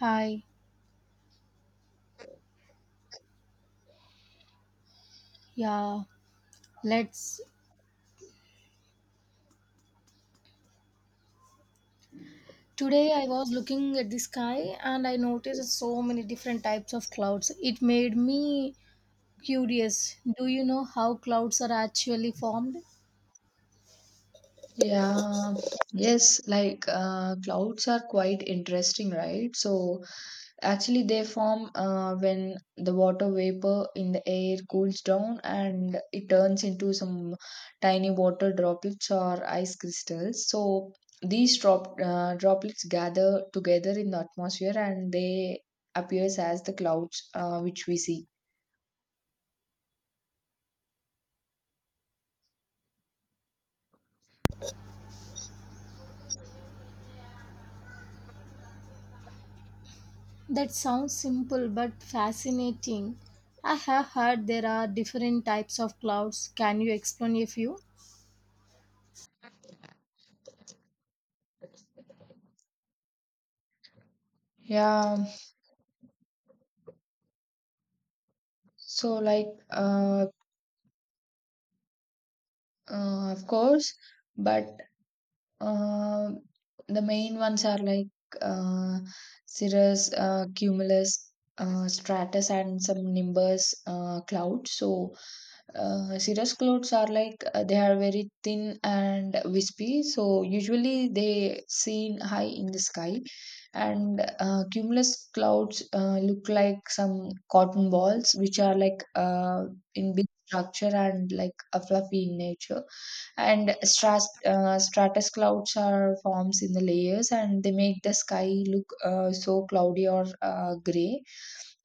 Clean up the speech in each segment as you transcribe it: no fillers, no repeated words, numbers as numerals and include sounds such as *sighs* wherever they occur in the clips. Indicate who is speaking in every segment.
Speaker 1: Hi, yeah, let's. Today I was looking at the sky and I noticed so many different types of clouds. It made me curious. Do you know how clouds are actually formed?
Speaker 2: Yeah, yes, clouds are quite interesting, right? So actually they form when the water vapor in the air cools down and it turns into some tiny water droplets or ice crystals. So these droplets gather together in the atmosphere and they appears as the clouds which we see.
Speaker 1: That sounds simple but fascinating. I have heard there are different types of clouds. Can you explain a few?
Speaker 2: Yeah, so of course, but Uh, the main ones are like uh, cirrus, cumulus, stratus, and some nimbus clouds. So, cirrus clouds are like they are very thin and wispy. So, usually they seen high in the sky, and cumulus clouds look like some cotton balls, which are like in big structure and like a fluffy in nature, and stratus clouds are forms in the layers and they make the sky look so cloudy or gray,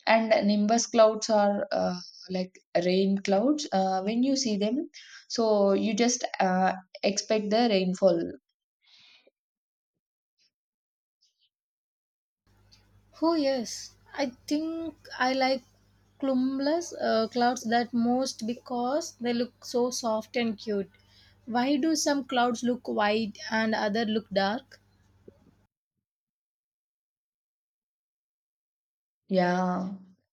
Speaker 2: and nimbus clouds are like rain clouds when you see them, so you just expect the rainfall.
Speaker 1: Oh yes, I think I like cumulus clouds that most because they look so soft and cute. Why do some clouds look white and other look dark?
Speaker 2: Yeah,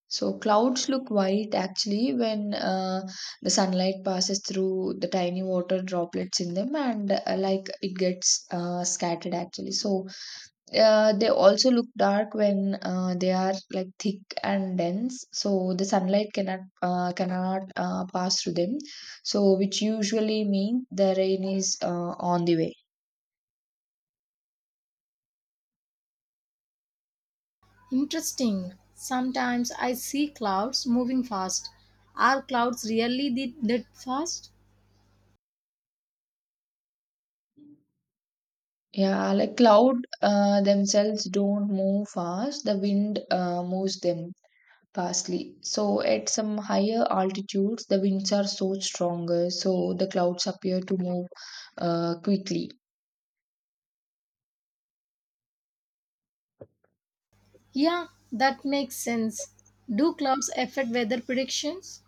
Speaker 2: so clouds look white actually when the sunlight passes through the tiny water droplets in them and like it gets scattered actually. So they also look dark when they are like thick and dense, so the sunlight cannot pass through them. So, which usually mean the rain is on the way.
Speaker 1: Interesting. Sometimes I see clouds moving fast. Are clouds really that fast?
Speaker 2: Yeah, like cloud themselves don't move fast. The wind moves them fastly. So at some higher altitudes, the winds are so stronger, so the clouds appear to move quickly.
Speaker 1: Yeah, that makes sense. Do clouds affect weather predictions?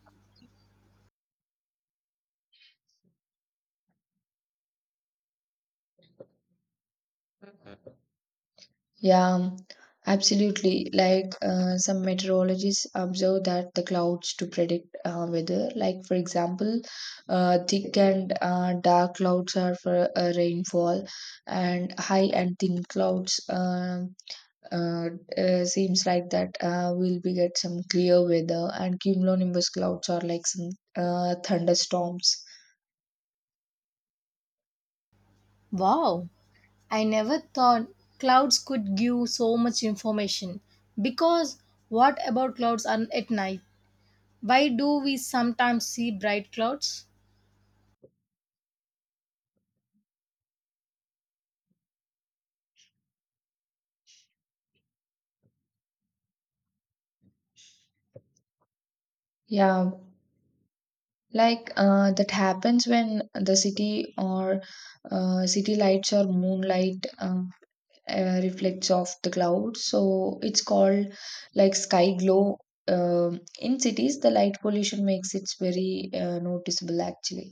Speaker 2: Yeah, absolutely. Like some meteorologists observe that the clouds to predict weather. Like for example, thick and dark clouds are for rainfall, and high and thin clouds uh, seems like that we'll be get some clear weather, and cumulonimbus clouds are like some thunderstorms.
Speaker 1: Wow, I never thought clouds could give so much information. Because what about clouds are at night? Why do we sometimes see bright clouds?
Speaker 2: Yeah, that happens when the city or city lights or moonlight reflects off the clouds, so it's called like sky glow. Um in cities the light pollution makes it very noticeable actually.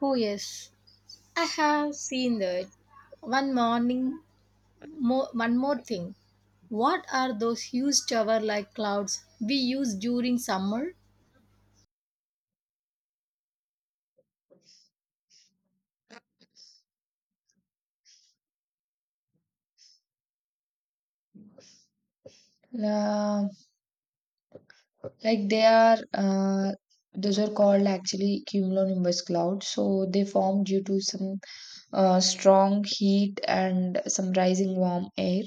Speaker 1: Oh yes, I have seen that. One morning, one more thing. What are those huge tower-like clouds we use during summer?
Speaker 2: La Like they are those are called actually cumulonimbus clouds, so they form due to some strong heat and some rising warm air.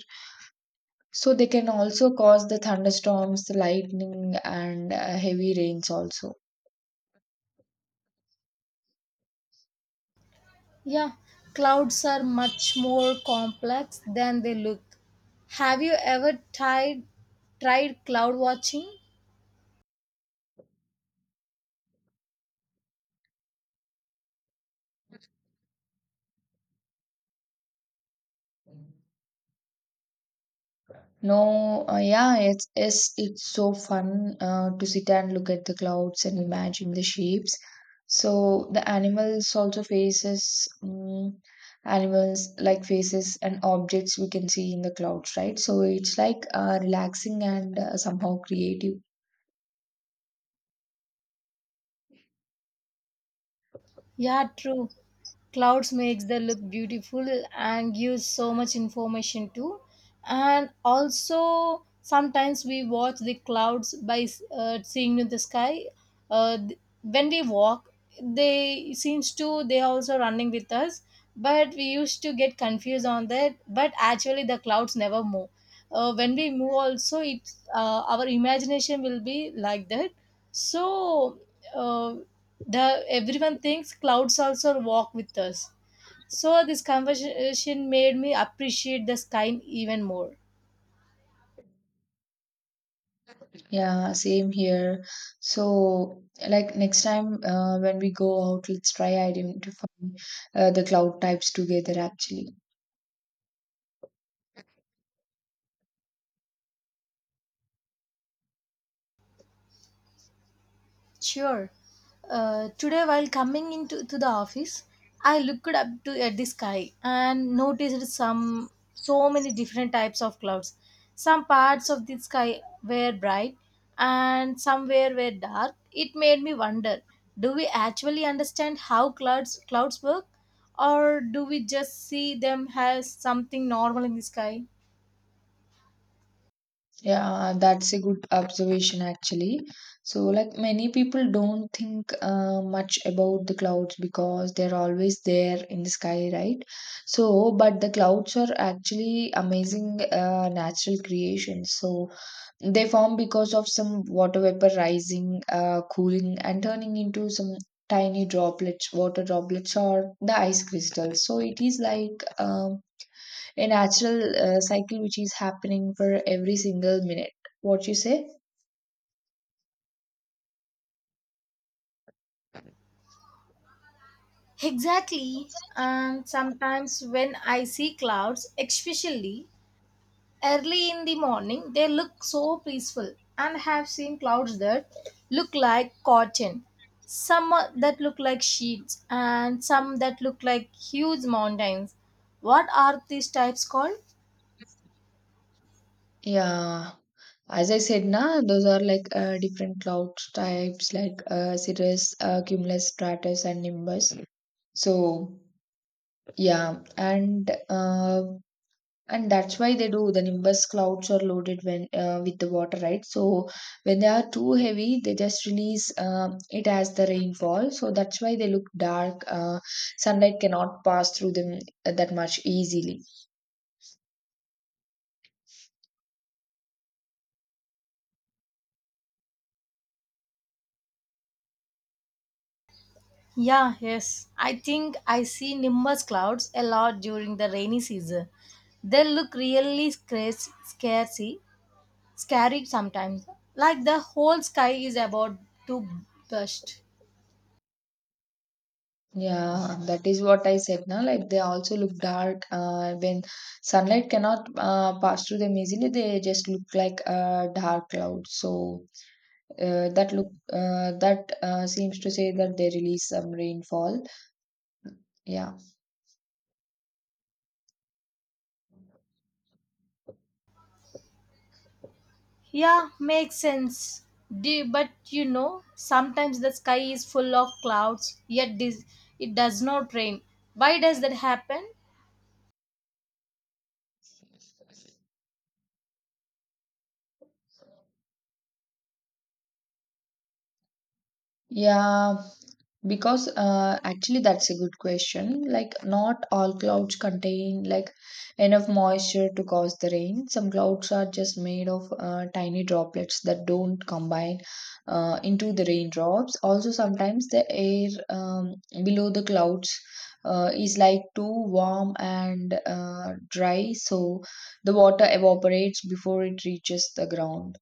Speaker 2: So they can also cause the thunderstorms, the lightning, and heavy rains also.
Speaker 1: Yeah, clouds are much more complex than they look. Have you ever tried cloud watching?
Speaker 2: No, yeah, it's so fun to sit and look at the clouds and imagine the shapes. So the animals also faces, animals like faces and objects we can see in the clouds, right? So it's like relaxing and somehow creative.
Speaker 1: Yeah, true. Clouds makes the look beautiful and gives so much information too. And also sometimes we watch the clouds by seeing in the sky. When we walk, they seems to they are also running with us. But we used to get confused on that. But actually, the clouds never move. When we move, also it's our imagination will be like that, so uh, the everyone thinks clouds also walk with us, so this conversation made me appreciate the sky even more.
Speaker 2: Yeah, same here. So, like next time when we go out, let's try identifying the cloud types together actually.
Speaker 1: Sure. Today, while coming into to the office, I looked up to at the sky and noticed some so many different types of clouds. Some parts of the sky were bright and some were dark. It made me wonder: do we actually understand how clouds work, or do we just see them as something normal in the sky?
Speaker 2: Yeah, that's a good observation actually. So, like many people don't think much about the clouds because they're always there in the sky, right? So, but the clouds are actually amazing natural creations. So, they form because of some water vapor rising, cooling, and turning into some tiny droplets, water droplets, or the ice crystals. So it is like a natural cycle which is happening for every single minute. What you say?
Speaker 1: Exactly. And sometimes when I see clouds, especially early in the morning, they look so peaceful and have seen clouds that look like cotton, some that look like sheets, and some that look like huge mountains. What are these types called?
Speaker 2: Yeah. As I said, na, those are like different cloud types like cirrus, cumulus, stratus, and nimbus. So, yeah, and that's why they do the nimbus clouds are loaded when with the water, right? So when they are too heavy they just release it as the rainfall, so that's why they look dark. Sunlight cannot pass through them that much easily.
Speaker 1: Yeah, yes. I think I see nimbus clouds a lot during the rainy season. They look really scary sometimes, like the whole sky is about to burst.
Speaker 2: Yeah, that is what I said now, like they also look dark when sunlight cannot pass through them easily, they just look like a dark cloud. So that look that seems to say that they release some rainfall, yeah.
Speaker 1: Yeah, makes sense. But sometimes the sky is full of clouds, yet it does not rain. Why does that happen?
Speaker 2: Yeah, because actually that's a good question. Like not all clouds contain like enough moisture to cause the rain. Some clouds are just made of tiny droplets that don't combine into the raindrops. Also, sometimes the air, below the clouds, is like too warm and dry, so the water evaporates before it reaches the ground.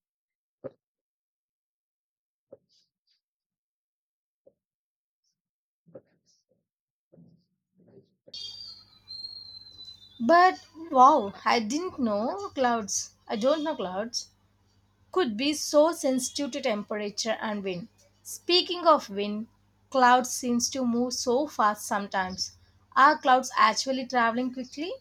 Speaker 1: But wow, I didn't know clouds. I don't know clouds could be so sensitive to temperature and wind. Speaking of wind, clouds seems to move so fast sometimes. Are clouds actually traveling quickly?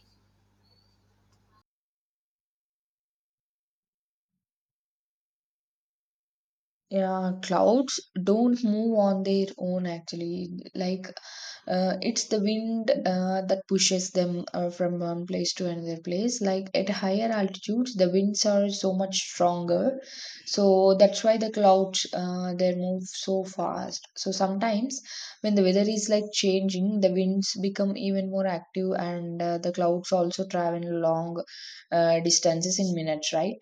Speaker 2: Yeah, clouds don't move on their own actually. Like it's the wind that pushes them from one place to another place. Like at higher altitudes, the winds are so much stronger. So that's why the clouds, they move so fast. So sometimes when the weather is like changing, the winds become even more active and the clouds also travel long distances in minutes, right?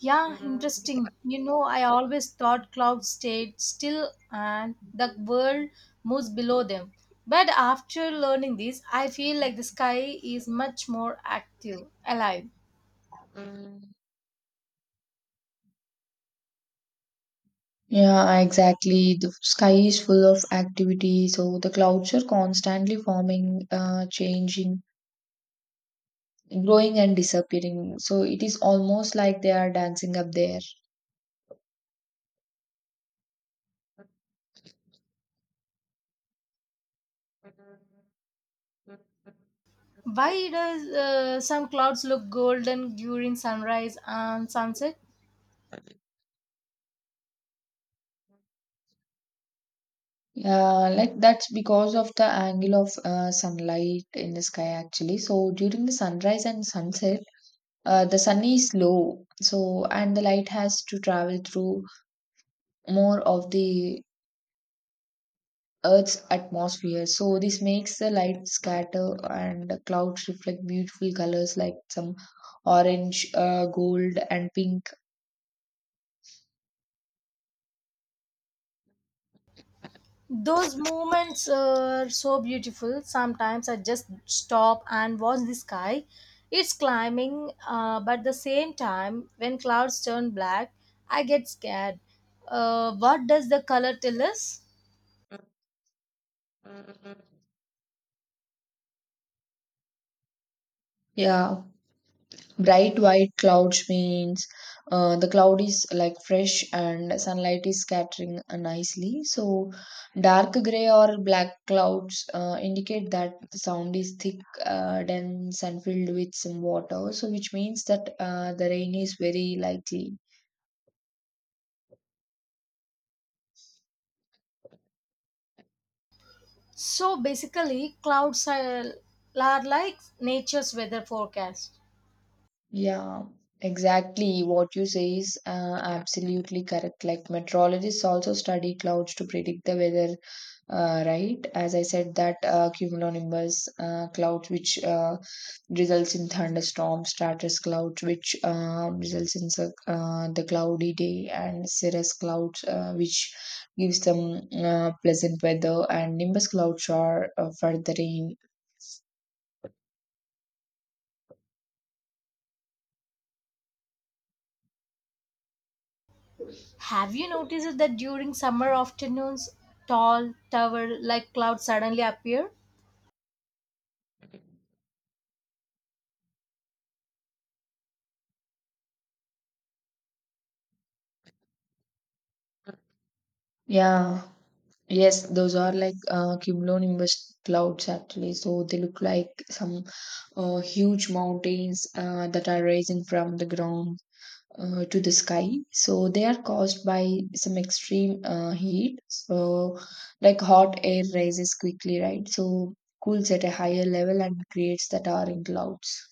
Speaker 1: Yeah, interesting. I always thought clouds stayed still and the world moves below them. But after learning this, I feel like the sky is much more active, alive.
Speaker 2: Yeah, exactly. The sky is full of activity, so the clouds are constantly forming, changing, growing, and disappearing. So it is almost like they are dancing up there.
Speaker 1: Why does some clouds look golden during sunrise and sunset?
Speaker 2: Yeah, like that's because of the angle of sunlight in the sky actually. So during the sunrise and sunset, the sun is low, so and the light has to travel through more of the Earth's atmosphere. So this makes the light scatter and the clouds reflect beautiful colors like some orange, gold, and pink.
Speaker 1: Those moments are so beautiful. Sometimes I just stop and watch the sky. It's climbing, but at the same time, when clouds turn black, I get scared. What does the color tell us?
Speaker 2: Yeah, bright white clouds means the cloud is like fresh and sunlight is scattering nicely. So, dark gray or black clouds indicate that the sound is thick, dense, and filled with some water. So, which means that the rain is very likely.
Speaker 1: So basically, clouds are like nature's weather forecast.
Speaker 2: Yeah, exactly. What you say is absolutely correct. Like meteorologists also study clouds to predict the weather, right? As I said, that cumulonimbus clouds, which results in thunderstorms, stratus clouds, which results in the cloudy day, and cirrus clouds, which gives them pleasant weather, and nimbus clouds are for the rain.
Speaker 1: Have you noticed that during summer afternoons, tall tower like clouds suddenly appear?
Speaker 2: Yeah. Yes, those are like cumulonimbus clouds actually. So they look like some huge mountains that are rising from the ground to the sky. So they are caused by some extreme heat. So, like hot air rises quickly, right? So cools at a higher level and creates that orange clouds.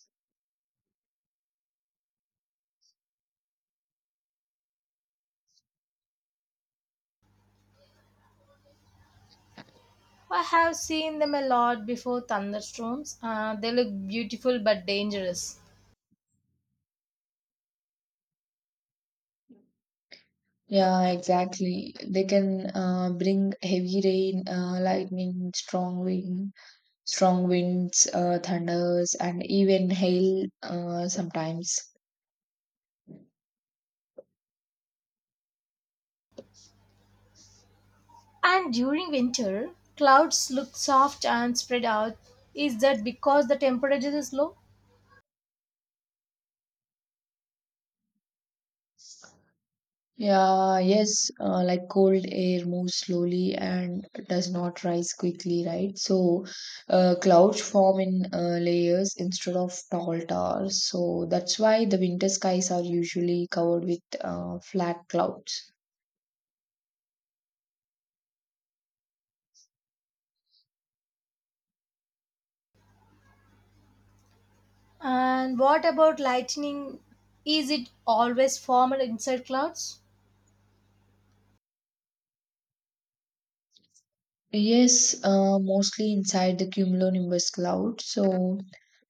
Speaker 1: I have seen them a lot before thunderstorms. They look beautiful but dangerous.
Speaker 2: Yeah, exactly. They can bring heavy rain, lightning, strong winds, thunders, and even hail sometimes.
Speaker 1: And during winter, clouds look soft and spread out. Is that because the temperature is low?
Speaker 2: Yeah, yes, like cold air moves slowly and does not rise quickly, right? So, clouds form in layers instead of tall towers. So, that's why the winter skies are usually covered with flat clouds.
Speaker 1: And what about lightning? Is it always formed inside clouds?
Speaker 2: Yes, mostly inside the cumulonimbus cloud. So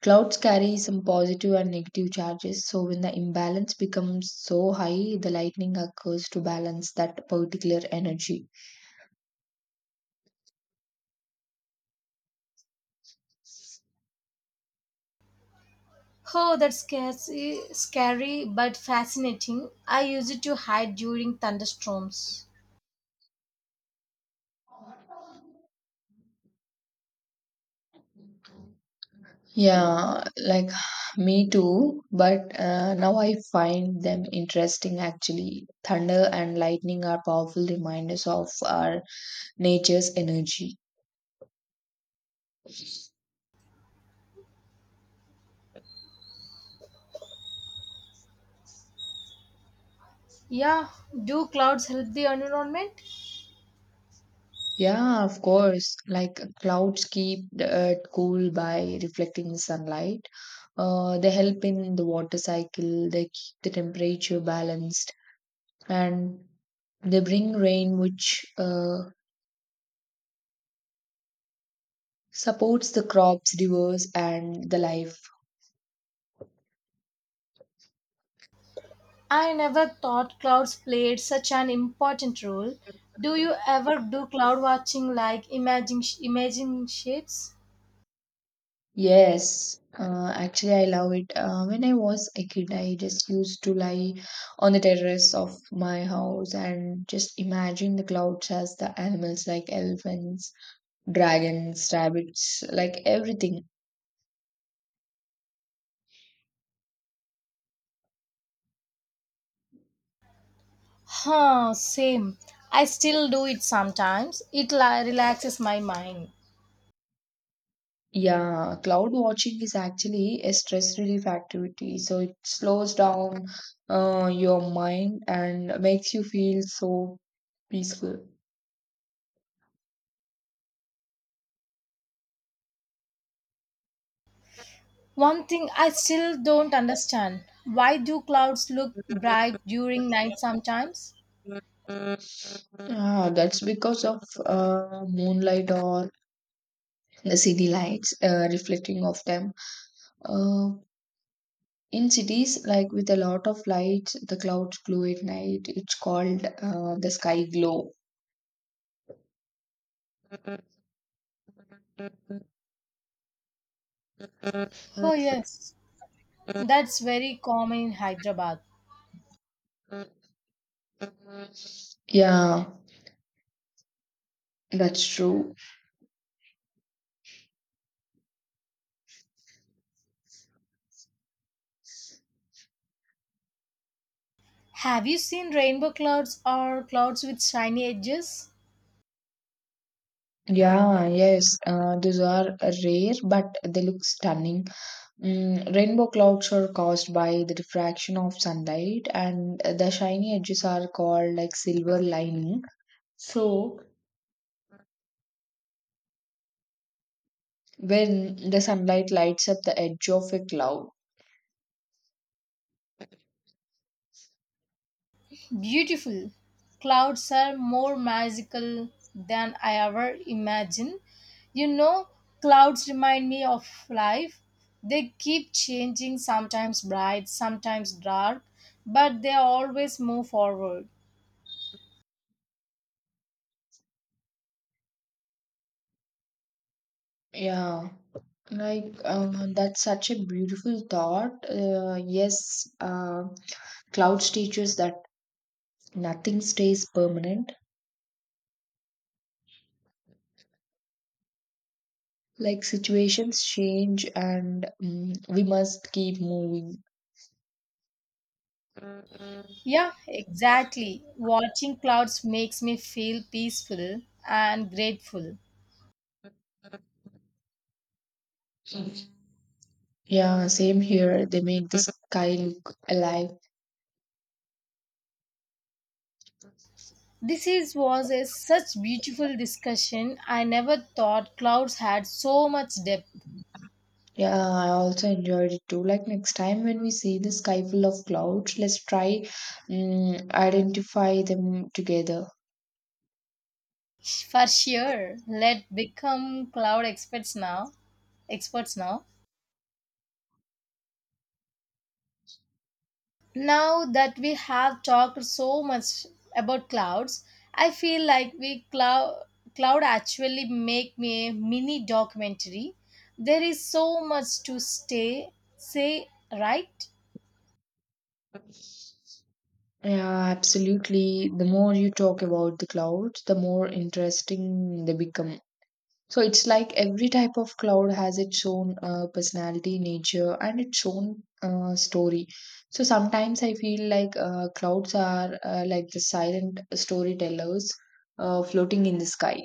Speaker 2: clouds carry some positive and negative charges. So when the imbalance becomes so high, the lightning occurs to balance that particular energy.
Speaker 1: Oh, that's scary, scary but fascinating. I use it to hide during thunderstorms.
Speaker 2: Yeah, like *sighs* me too. But now I find them interesting actually. Thunder and lightning are powerful reminders of our nature's energy.
Speaker 1: Yeah, do clouds help the environment?
Speaker 2: Yeah, of course. Like clouds keep the earth cool by reflecting the sunlight. They help in the water cycle, they keep the temperature balanced, and they bring rain, which supports the crops, rivers, and the life.
Speaker 1: I never thought clouds played such an important role. Do you ever do cloud watching like imaging shapes?
Speaker 2: Yes, actually, I love it. When I was a kid, I just used to lie on the terrace of my house and just imagine the clouds as the animals like elephants, dragons, rabbits, like everything.
Speaker 1: Huh, same. I still do it sometimes. It relaxes my mind.
Speaker 2: Yeah, cloud watching is actually a stress relief activity. So it slows down your mind and makes you feel so peaceful.
Speaker 1: One thing I still don't understand. Why do clouds look bright during night sometimes?
Speaker 2: Ah, that's because of moonlight or the city lights reflecting off them. Uh, in cities, like with a lot of lights, the clouds glow at night. It's called the sky glow.
Speaker 1: Oh yes, that's very common in Hyderabad.
Speaker 2: Yeah, that's true.
Speaker 1: Have you seen rainbow clouds or clouds with shiny edges?
Speaker 2: Yeah, yes, these are rare, but they look stunning. Mm, rainbow clouds are caused by the diffraction of sunlight, and the shiny edges are called like silver lining. So, when the sunlight lights up the edge of a cloud,
Speaker 1: Beautiful. Clouds are more magical than I ever imagined. You know, Clouds remind me of life. They keep changing, sometimes bright, sometimes dark, but they always move forward.
Speaker 2: yeah, that's such a beautiful thought. Yes, clouds teach us that nothing stays permanent. Like situations change and we must keep moving.
Speaker 1: Yeah, exactly. Watching clouds makes me feel peaceful and grateful.
Speaker 2: Yeah, same here. They make the sky look alive.
Speaker 1: This is was a such beautiful discussion. I never thought clouds had so much depth.
Speaker 2: Yeah, I also enjoyed it too. Like next time when we see the sky full of clouds, let's try identify them together.
Speaker 1: For sure, let become cloud experts now. Experts now. Now that we have talked so much about clouds, I feel like we cloud actually make me a mini documentary. There is so much to stay say, right?
Speaker 2: Yeah, absolutely. The more you talk about the clouds, the more interesting they become. So it's like every type of cloud has its own personality, nature, and its own story. So sometimes I feel like clouds are like the silent storytellers floating in the sky.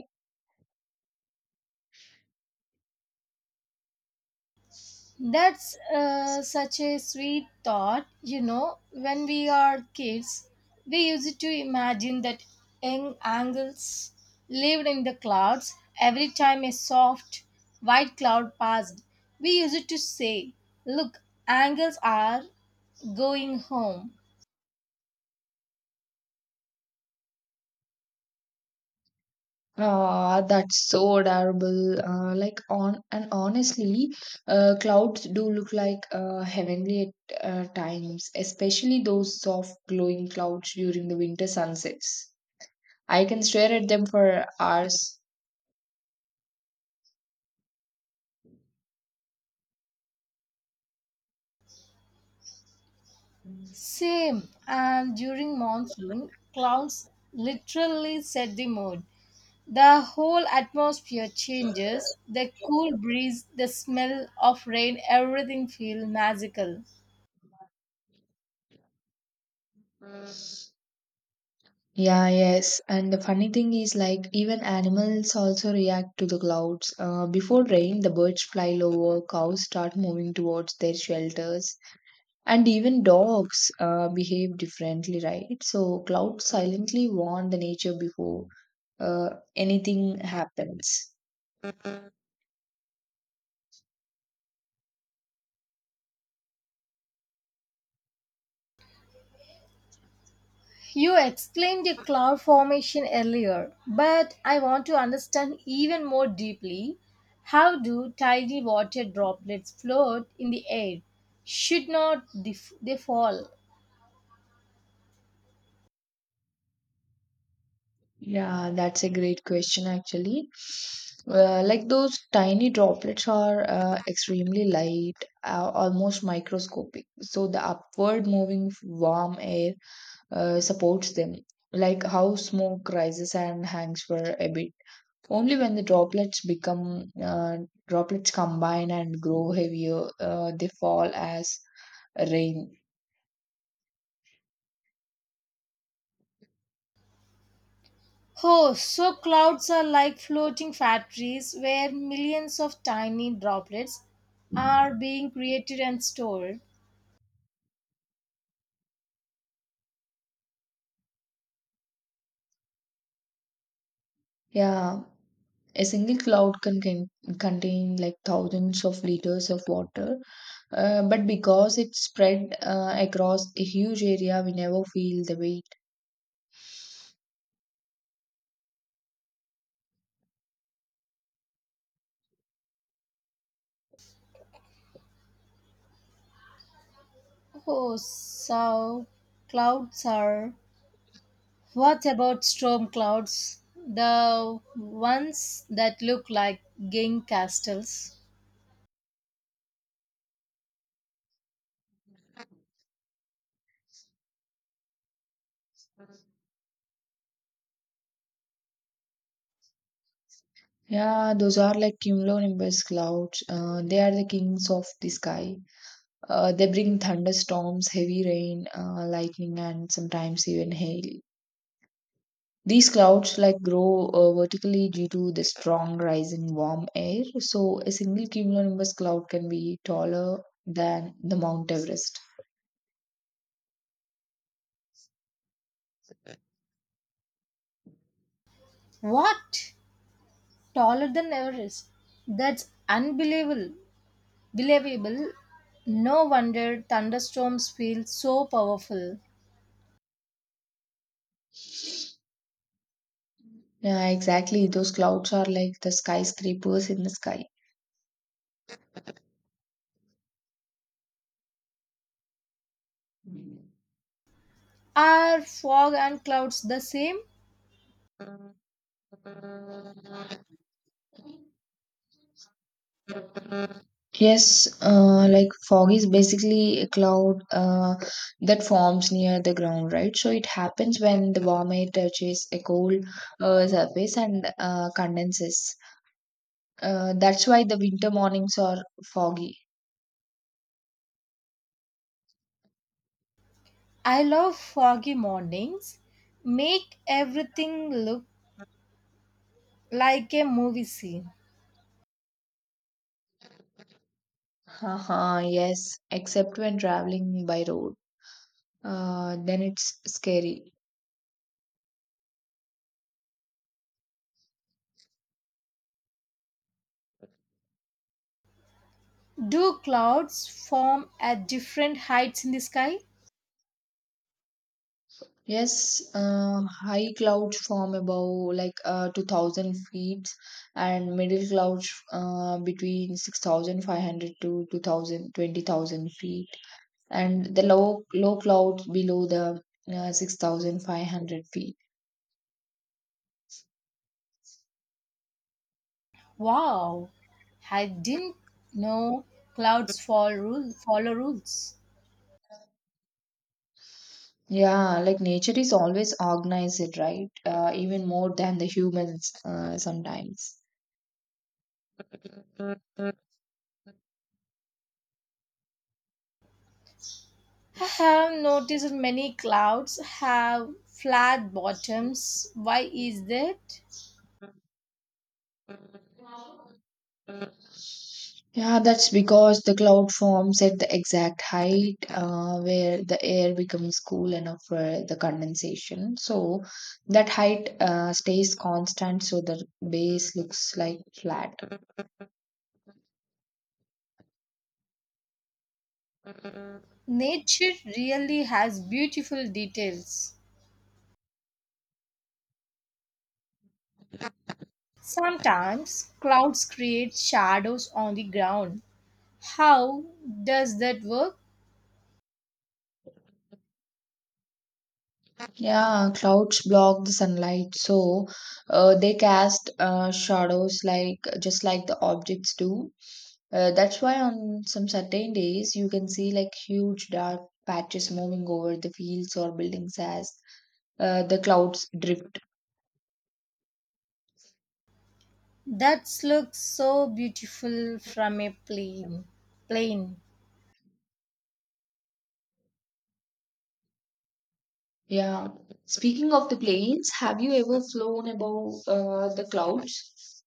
Speaker 1: That's such a sweet thought. When we are kids, we used to imagine that young angels lived in the clouds. Every time a soft white cloud passed, we used to say, "Look, angels are going home."
Speaker 2: Ah, that's so adorable. Like on and honestly, clouds do look like heavenly at times, especially those soft glowing clouds during the winter sunsets. I can stare at them for hours.
Speaker 1: Same, and during monsoon, clouds literally set the mood. The whole atmosphere changes. The cool breeze, the smell of rain, everything feels magical.
Speaker 2: Yeah, yes. And the funny thing is, like, even animals also react to the clouds. Before rain, the birds fly lower, cows start moving towards their shelters, and even dogs behave differently, right? So, clouds silently warn the nature before anything happens.
Speaker 1: You explained the cloud formation earlier, but I want to understand even more deeply. How do tiny water droplets float in the air? Should not they fall?
Speaker 2: Yeah, that's a great question actually. Like those tiny droplets are extremely light, almost microscopic. So the upward moving warm air supports them, like how smoke rises and hangs for a bit. Only when the droplets become droplets combine and grow heavier, they fall as rain.
Speaker 1: Oh, so clouds are like floating factories where millions of tiny droplets are being created and stored.
Speaker 2: Yeah, a single cloud can contain like thousands of liters of water, but because it's spread across a huge area, we never feel the weight.
Speaker 1: Oh, so clouds are. What about storm clouds? The ones that look like gang castles.
Speaker 2: Yeah, those are like cumulonimbus clouds. They are the kings of the sky. They bring thunderstorms, heavy rain, lightning, and sometimes even hail. These clouds like grow vertically due to the strong rise in warm air. So a single cumulonimbus cloud can be taller than the Mount Everest.
Speaker 1: What? Taller than Everest. That's unbelievable. Believable. No wonder thunderstorms feel so powerful.
Speaker 2: Yeah, exactly. Those clouds are like the skyscrapers in the sky.
Speaker 1: Are fog and clouds the same?
Speaker 2: Yes, like fog is basically a cloud that forms near the ground, right? So it happens when the warm air touches a cold surface and condenses. That's why the winter mornings are foggy.
Speaker 1: I love foggy mornings. Make everything look like a movie scene.
Speaker 2: Haha, yes, except when traveling by road. Then it's scary.
Speaker 1: Do clouds form at different heights in the sky?
Speaker 2: Yes, high clouds form above like 2000 feet and middle clouds between 6,500 to 2000 20,000 feet and the low clouds below the 6,500 feet.
Speaker 1: Wow, I didn't know clouds follow rules.
Speaker 2: Yeah, like nature is always organized, right? Even more than the humans sometimes.
Speaker 1: I have noticed many clouds have flat bottoms. Why is that?
Speaker 2: Yeah, that's because the cloud forms at the exact height where the air becomes cool enough for the condensation. So that height stays constant, so the base looks like flat.
Speaker 1: Nature really has beautiful details. Sometimes clouds create shadows on the ground. How does that work?
Speaker 2: Yeah, clouds block the sunlight, so they cast shadows like just like the objects do. That's why on some certain days you can see like huge dark patches moving over the fields or buildings as the clouds drift.
Speaker 1: That looks so beautiful from a plane. Plane.
Speaker 2: Yeah. Speaking of the planes, have you ever flown above the clouds?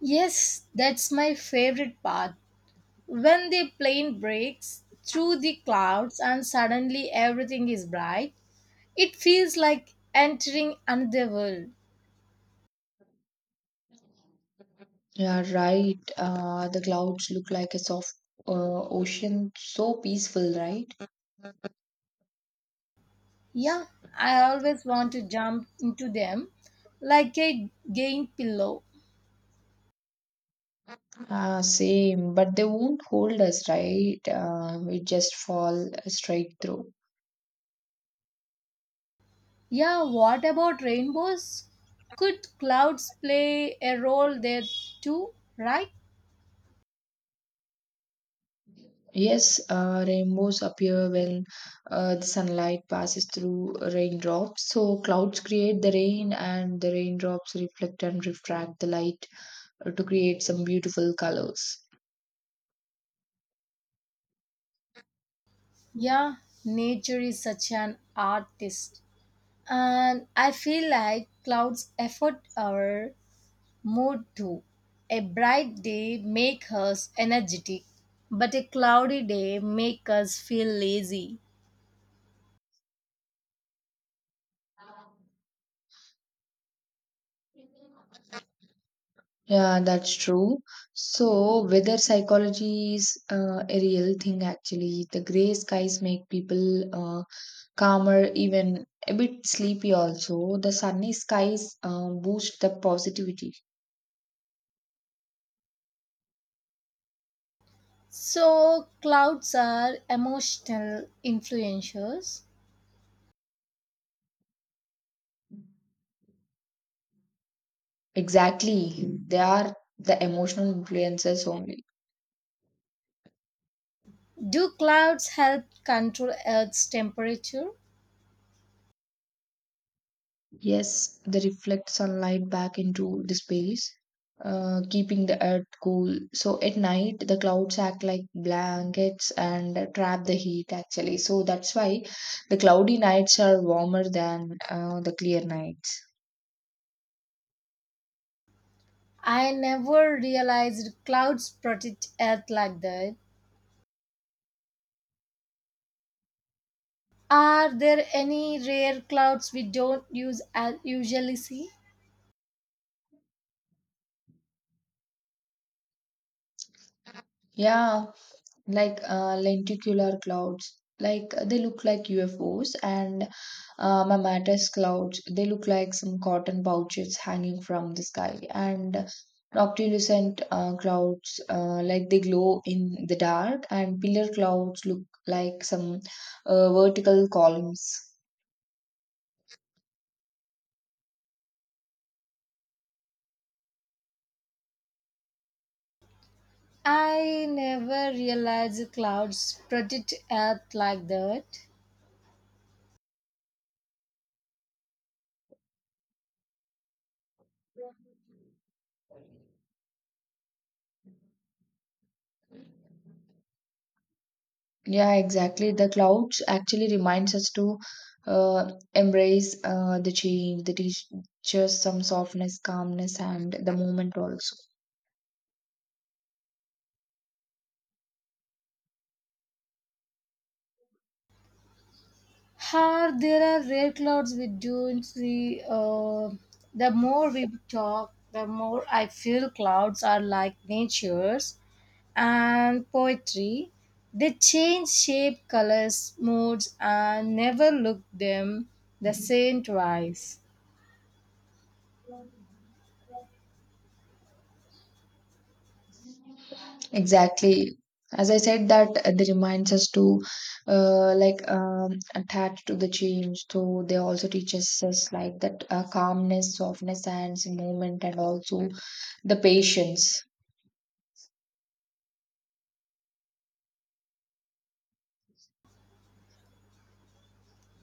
Speaker 1: Yes, that's my favorite part. When the plane breaks through the clouds and suddenly everything is bright, it feels like entering another world.
Speaker 2: Yeah, right. The clouds look like a soft ocean, so peaceful, right?
Speaker 1: Yeah, I always want to jump into them like a game pillow.
Speaker 2: Ah, same, but they won't hold us, right? We just fall straight through.
Speaker 1: Yeah, what about rainbows? Could clouds play a role there too, right?
Speaker 2: Yes, rainbows appear when the sunlight passes through raindrops. So clouds create the rain, and the raindrops reflect and refract the light to create some beautiful colors.
Speaker 1: Yeah, nature is such an artist. And I feel like clouds affect our mood too. A bright day make us energetic, but a cloudy day make us feel lazy.
Speaker 2: Yeah, that's true. So weather psychology is a real thing actually. The gray skies make people calmer, even a bit sleepy also. The sunny skies boost the positivity.
Speaker 1: So clouds are emotional influencers.
Speaker 2: Exactly. They are the emotional influences only.
Speaker 1: Do clouds help control Earth's temperature?
Speaker 2: Yes, they reflect sunlight back into the space, keeping the earth cool. So at night, the clouds act like blankets and trap the heat actually. So that's why the cloudy nights are warmer than the clear nights.
Speaker 1: I never realized clouds protect Earth like that. Are there any rare clouds we don't use as usually see?
Speaker 2: Yeah, like lenticular clouds. Like they look like UFOs and mammatus clouds. They look like some cotton pouches hanging from the sky, and noctilucent clouds like they glow in the dark, and pillar clouds look like some vertical columns.
Speaker 1: I never realized clouds protect Earth like that.
Speaker 2: Yeah, exactly. The clouds actually reminds us to embrace the change, the teach us some softness, calmness, and the moment also.
Speaker 1: Are there are rare clouds we don't see? The more we talk, the more I feel clouds are like nature's and poetry. They change shape, colors, moods, and never look them the same twice.
Speaker 2: Exactly. As I said, that they reminds us to like attach to the change. So they also teaches us like that calmness, softness, and movement, and also the patience.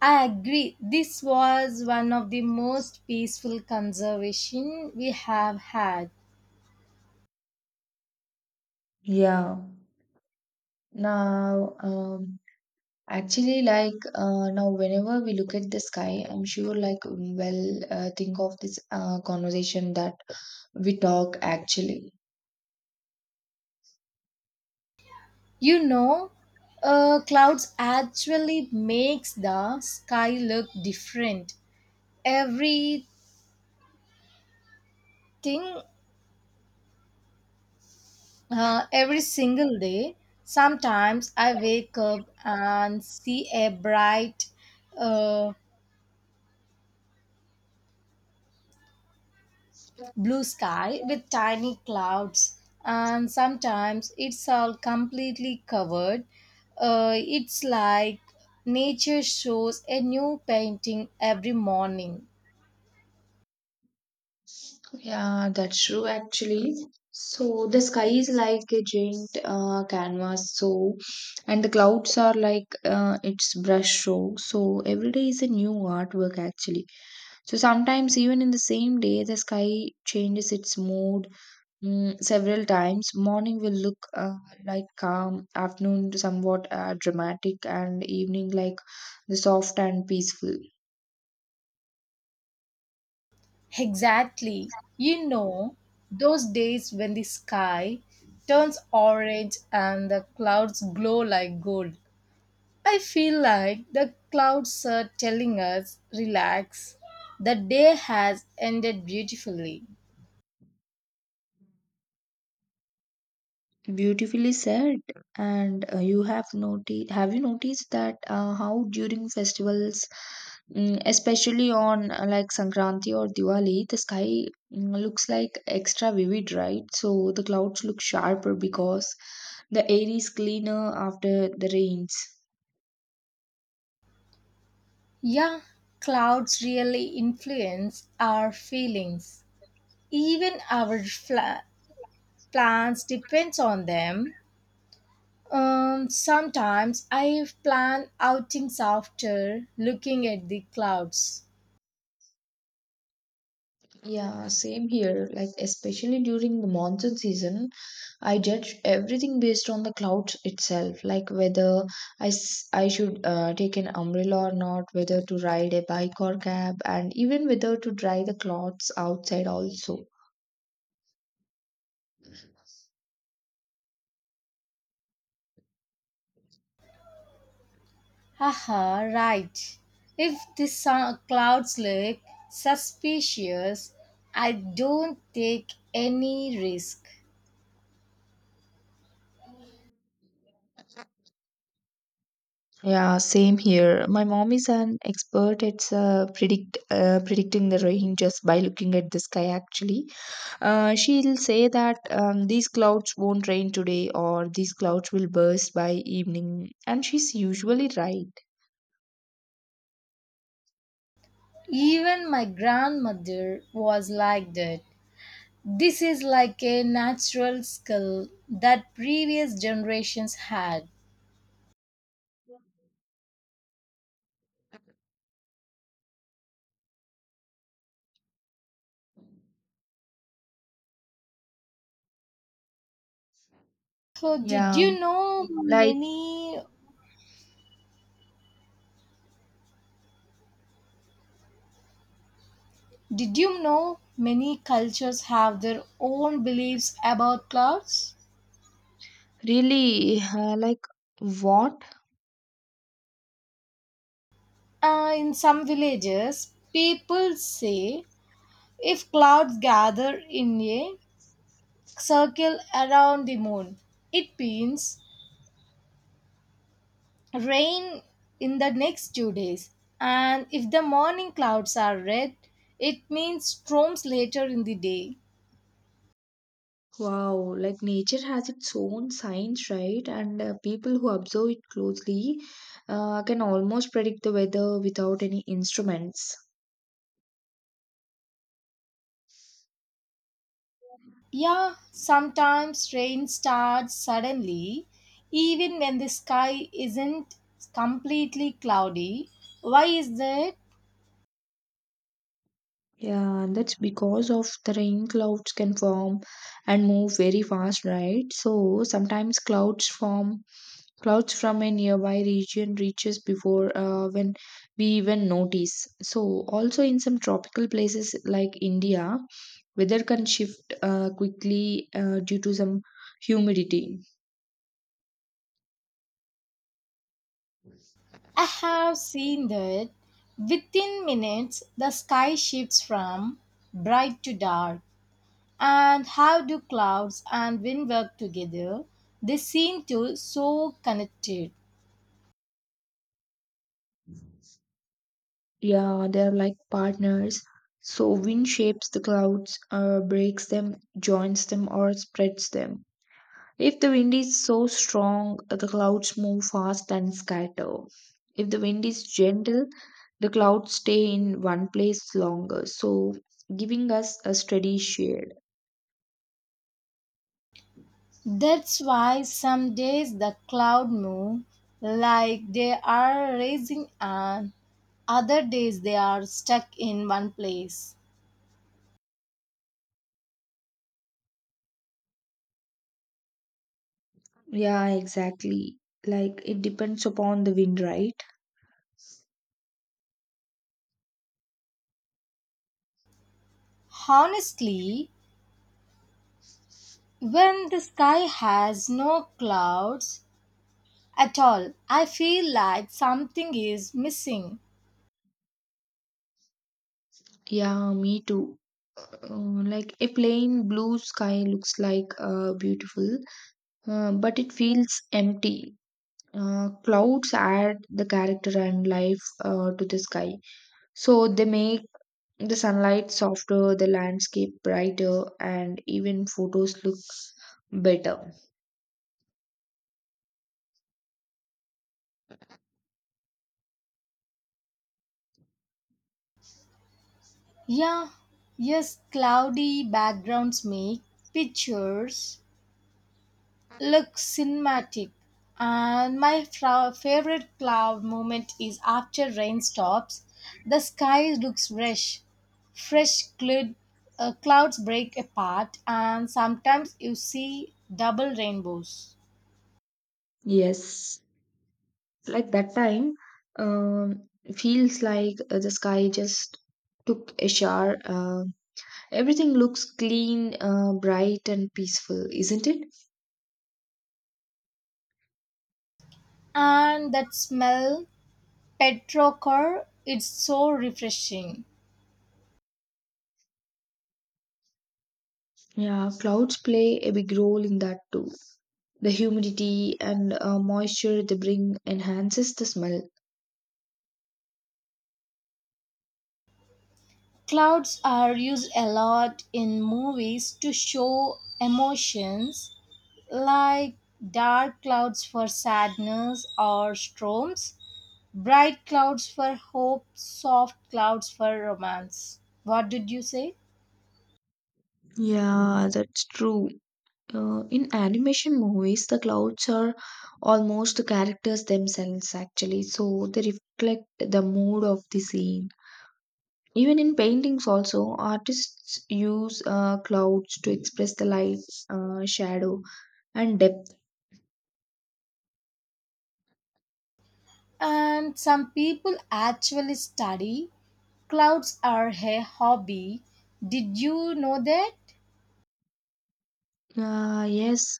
Speaker 1: I agree. This was one of the most peaceful conservation we have had.
Speaker 2: Yeah. Now, actually, now, whenever we look at the sky, I'm sure like think of this conversation that we talk actually.
Speaker 1: You know, Clouds actually makes the sky look different. Everything, every single day. Sometimes I wake up and see a bright, uh, blue sky with tiny clouds, and sometimes it's all completely covered. It's like nature shows a new painting every morning.
Speaker 2: Yeah, that's true actually. So the sky is like a giant canvas, so and the clouds are like its brush stroke. So every day is a new artwork actually. So sometimes even in the same day, the sky changes its mood several times. Morning will look like calm, afternoon somewhat dramatic, and evening like the soft and peaceful.
Speaker 1: Exactly. Those days when the sky turns orange and the clouds glow like gold, I feel like the clouds are telling us, relax, the day has ended beautifully.
Speaker 2: Beautifully said. And have you noticed that how during festivals, especially on like Sankranti or Diwali, the sky looks like extra vivid, right? So the clouds look sharper because the air is cleaner after the rains.
Speaker 1: Yeah, clouds really influence our feelings. Even our plans depends on them. Sometimes I plan outings after looking at the clouds.
Speaker 2: Yeah, same here. Like, especially during the monsoon season, I judge everything based on the clouds itself, like whether I should take an umbrella or not, whether to ride a bike or cab, and even whether to dry the clothes outside also.
Speaker 1: Haha, right. If the clouds look suspicious, I don't take any risk.
Speaker 2: Yeah, same here. My mom is an expert at predicting the rain just by looking at the sky actually. She'll say that these clouds won't rain today or these clouds will burst by evening and she's usually right.
Speaker 1: Even my grandmother was like that. This is like a natural skill that previous generations had. So did
Speaker 2: Yeah,
Speaker 1: you know
Speaker 2: like
Speaker 1: many did you know many cultures have their own beliefs about clouds?
Speaker 2: really, like what?
Speaker 1: In some villages, people say if clouds gather in a circle around the moon, it means rain in the next 2 days. And if the morning clouds are red, it means storms later in the day.
Speaker 2: Wow, like nature has its own science, right? And people who observe it closely can almost predict the weather without any instruments.
Speaker 1: Yeah, sometimes rain starts suddenly, even when the sky isn't completely cloudy. Why is that?
Speaker 2: Yeah, and that's because of the rain clouds can form and move very fast, right? So sometimes clouds from a nearby region reaches before when we even notice. So also in some tropical places like India, weather can shift quickly due to some humidity.
Speaker 1: I have seen that within minutes the sky shifts from bright to dark. And how do clouds and wind work together? They seem to so connected.
Speaker 2: Yeah, they're like partners. So wind shapes the clouds, breaks them, joins them, or spreads them. If the wind is so strong, the clouds move fast and scatter. If the wind is gentle, the clouds stay in one place longer, so giving us a steady shade.
Speaker 1: That's why some days the cloud move like they are rising and other days they are stuck in one place.
Speaker 2: Yeah, exactly. Like it depends upon the wind, right?
Speaker 1: Honestly, when the sky has no clouds at all, I feel like something is missing.
Speaker 2: Yeah, me too. Like a plain blue sky looks like beautiful, but it feels empty. Clouds add the character and life to the sky, so they make the sunlight softer, the landscape brighter, and even photos look better.
Speaker 1: Yeah, yes, cloudy backgrounds make pictures look cinematic. And my favorite cloud moment is after rain stops. The sky looks fresh. fresh cloud, Clouds break apart, and sometimes you see double rainbows.
Speaker 2: Yes, like that time, um, feels like the sky just took a shower. Everything looks clean, bright, and peaceful, isn't it?
Speaker 1: And that smell, petrochor, it's so refreshing.
Speaker 2: Yeah, clouds play a big role in that too. The humidity and moisture they bring enhances the smell.
Speaker 1: Clouds are used a lot in movies to show emotions like dark clouds for sadness or storms, bright clouds for hope, soft clouds for romance. What did you say?
Speaker 2: Yeah, that's true. In animation movies, the clouds are almost the characters themselves, actually, so they reflect the mood of the scene. Even in paintings, also, artists use clouds to express the light, shadow, and depth.
Speaker 1: And some people actually study clouds are a hobby. Did you know that?
Speaker 2: Yes,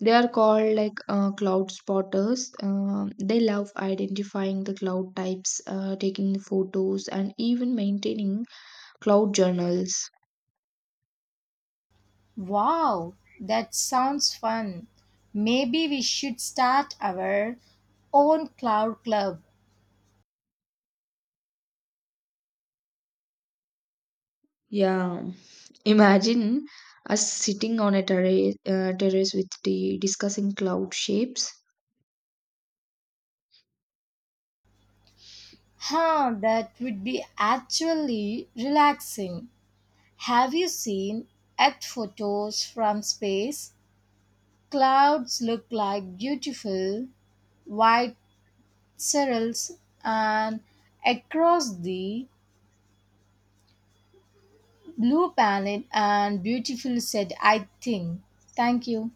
Speaker 2: they are called like cloud spotters. They love identifying the cloud types, taking photos, and even maintaining cloud journals.
Speaker 1: Wow, that sounds fun. Maybe we should start our own cloud club.
Speaker 2: Yeah. Imagine us sitting on a terrace with the discussing cloud shapes.
Speaker 1: Huh, that would be actually relaxing. Have you seen Earth photos from space? Clouds look like beautiful white cirrus, and across the blue planet and beautiful said I think. Thank you.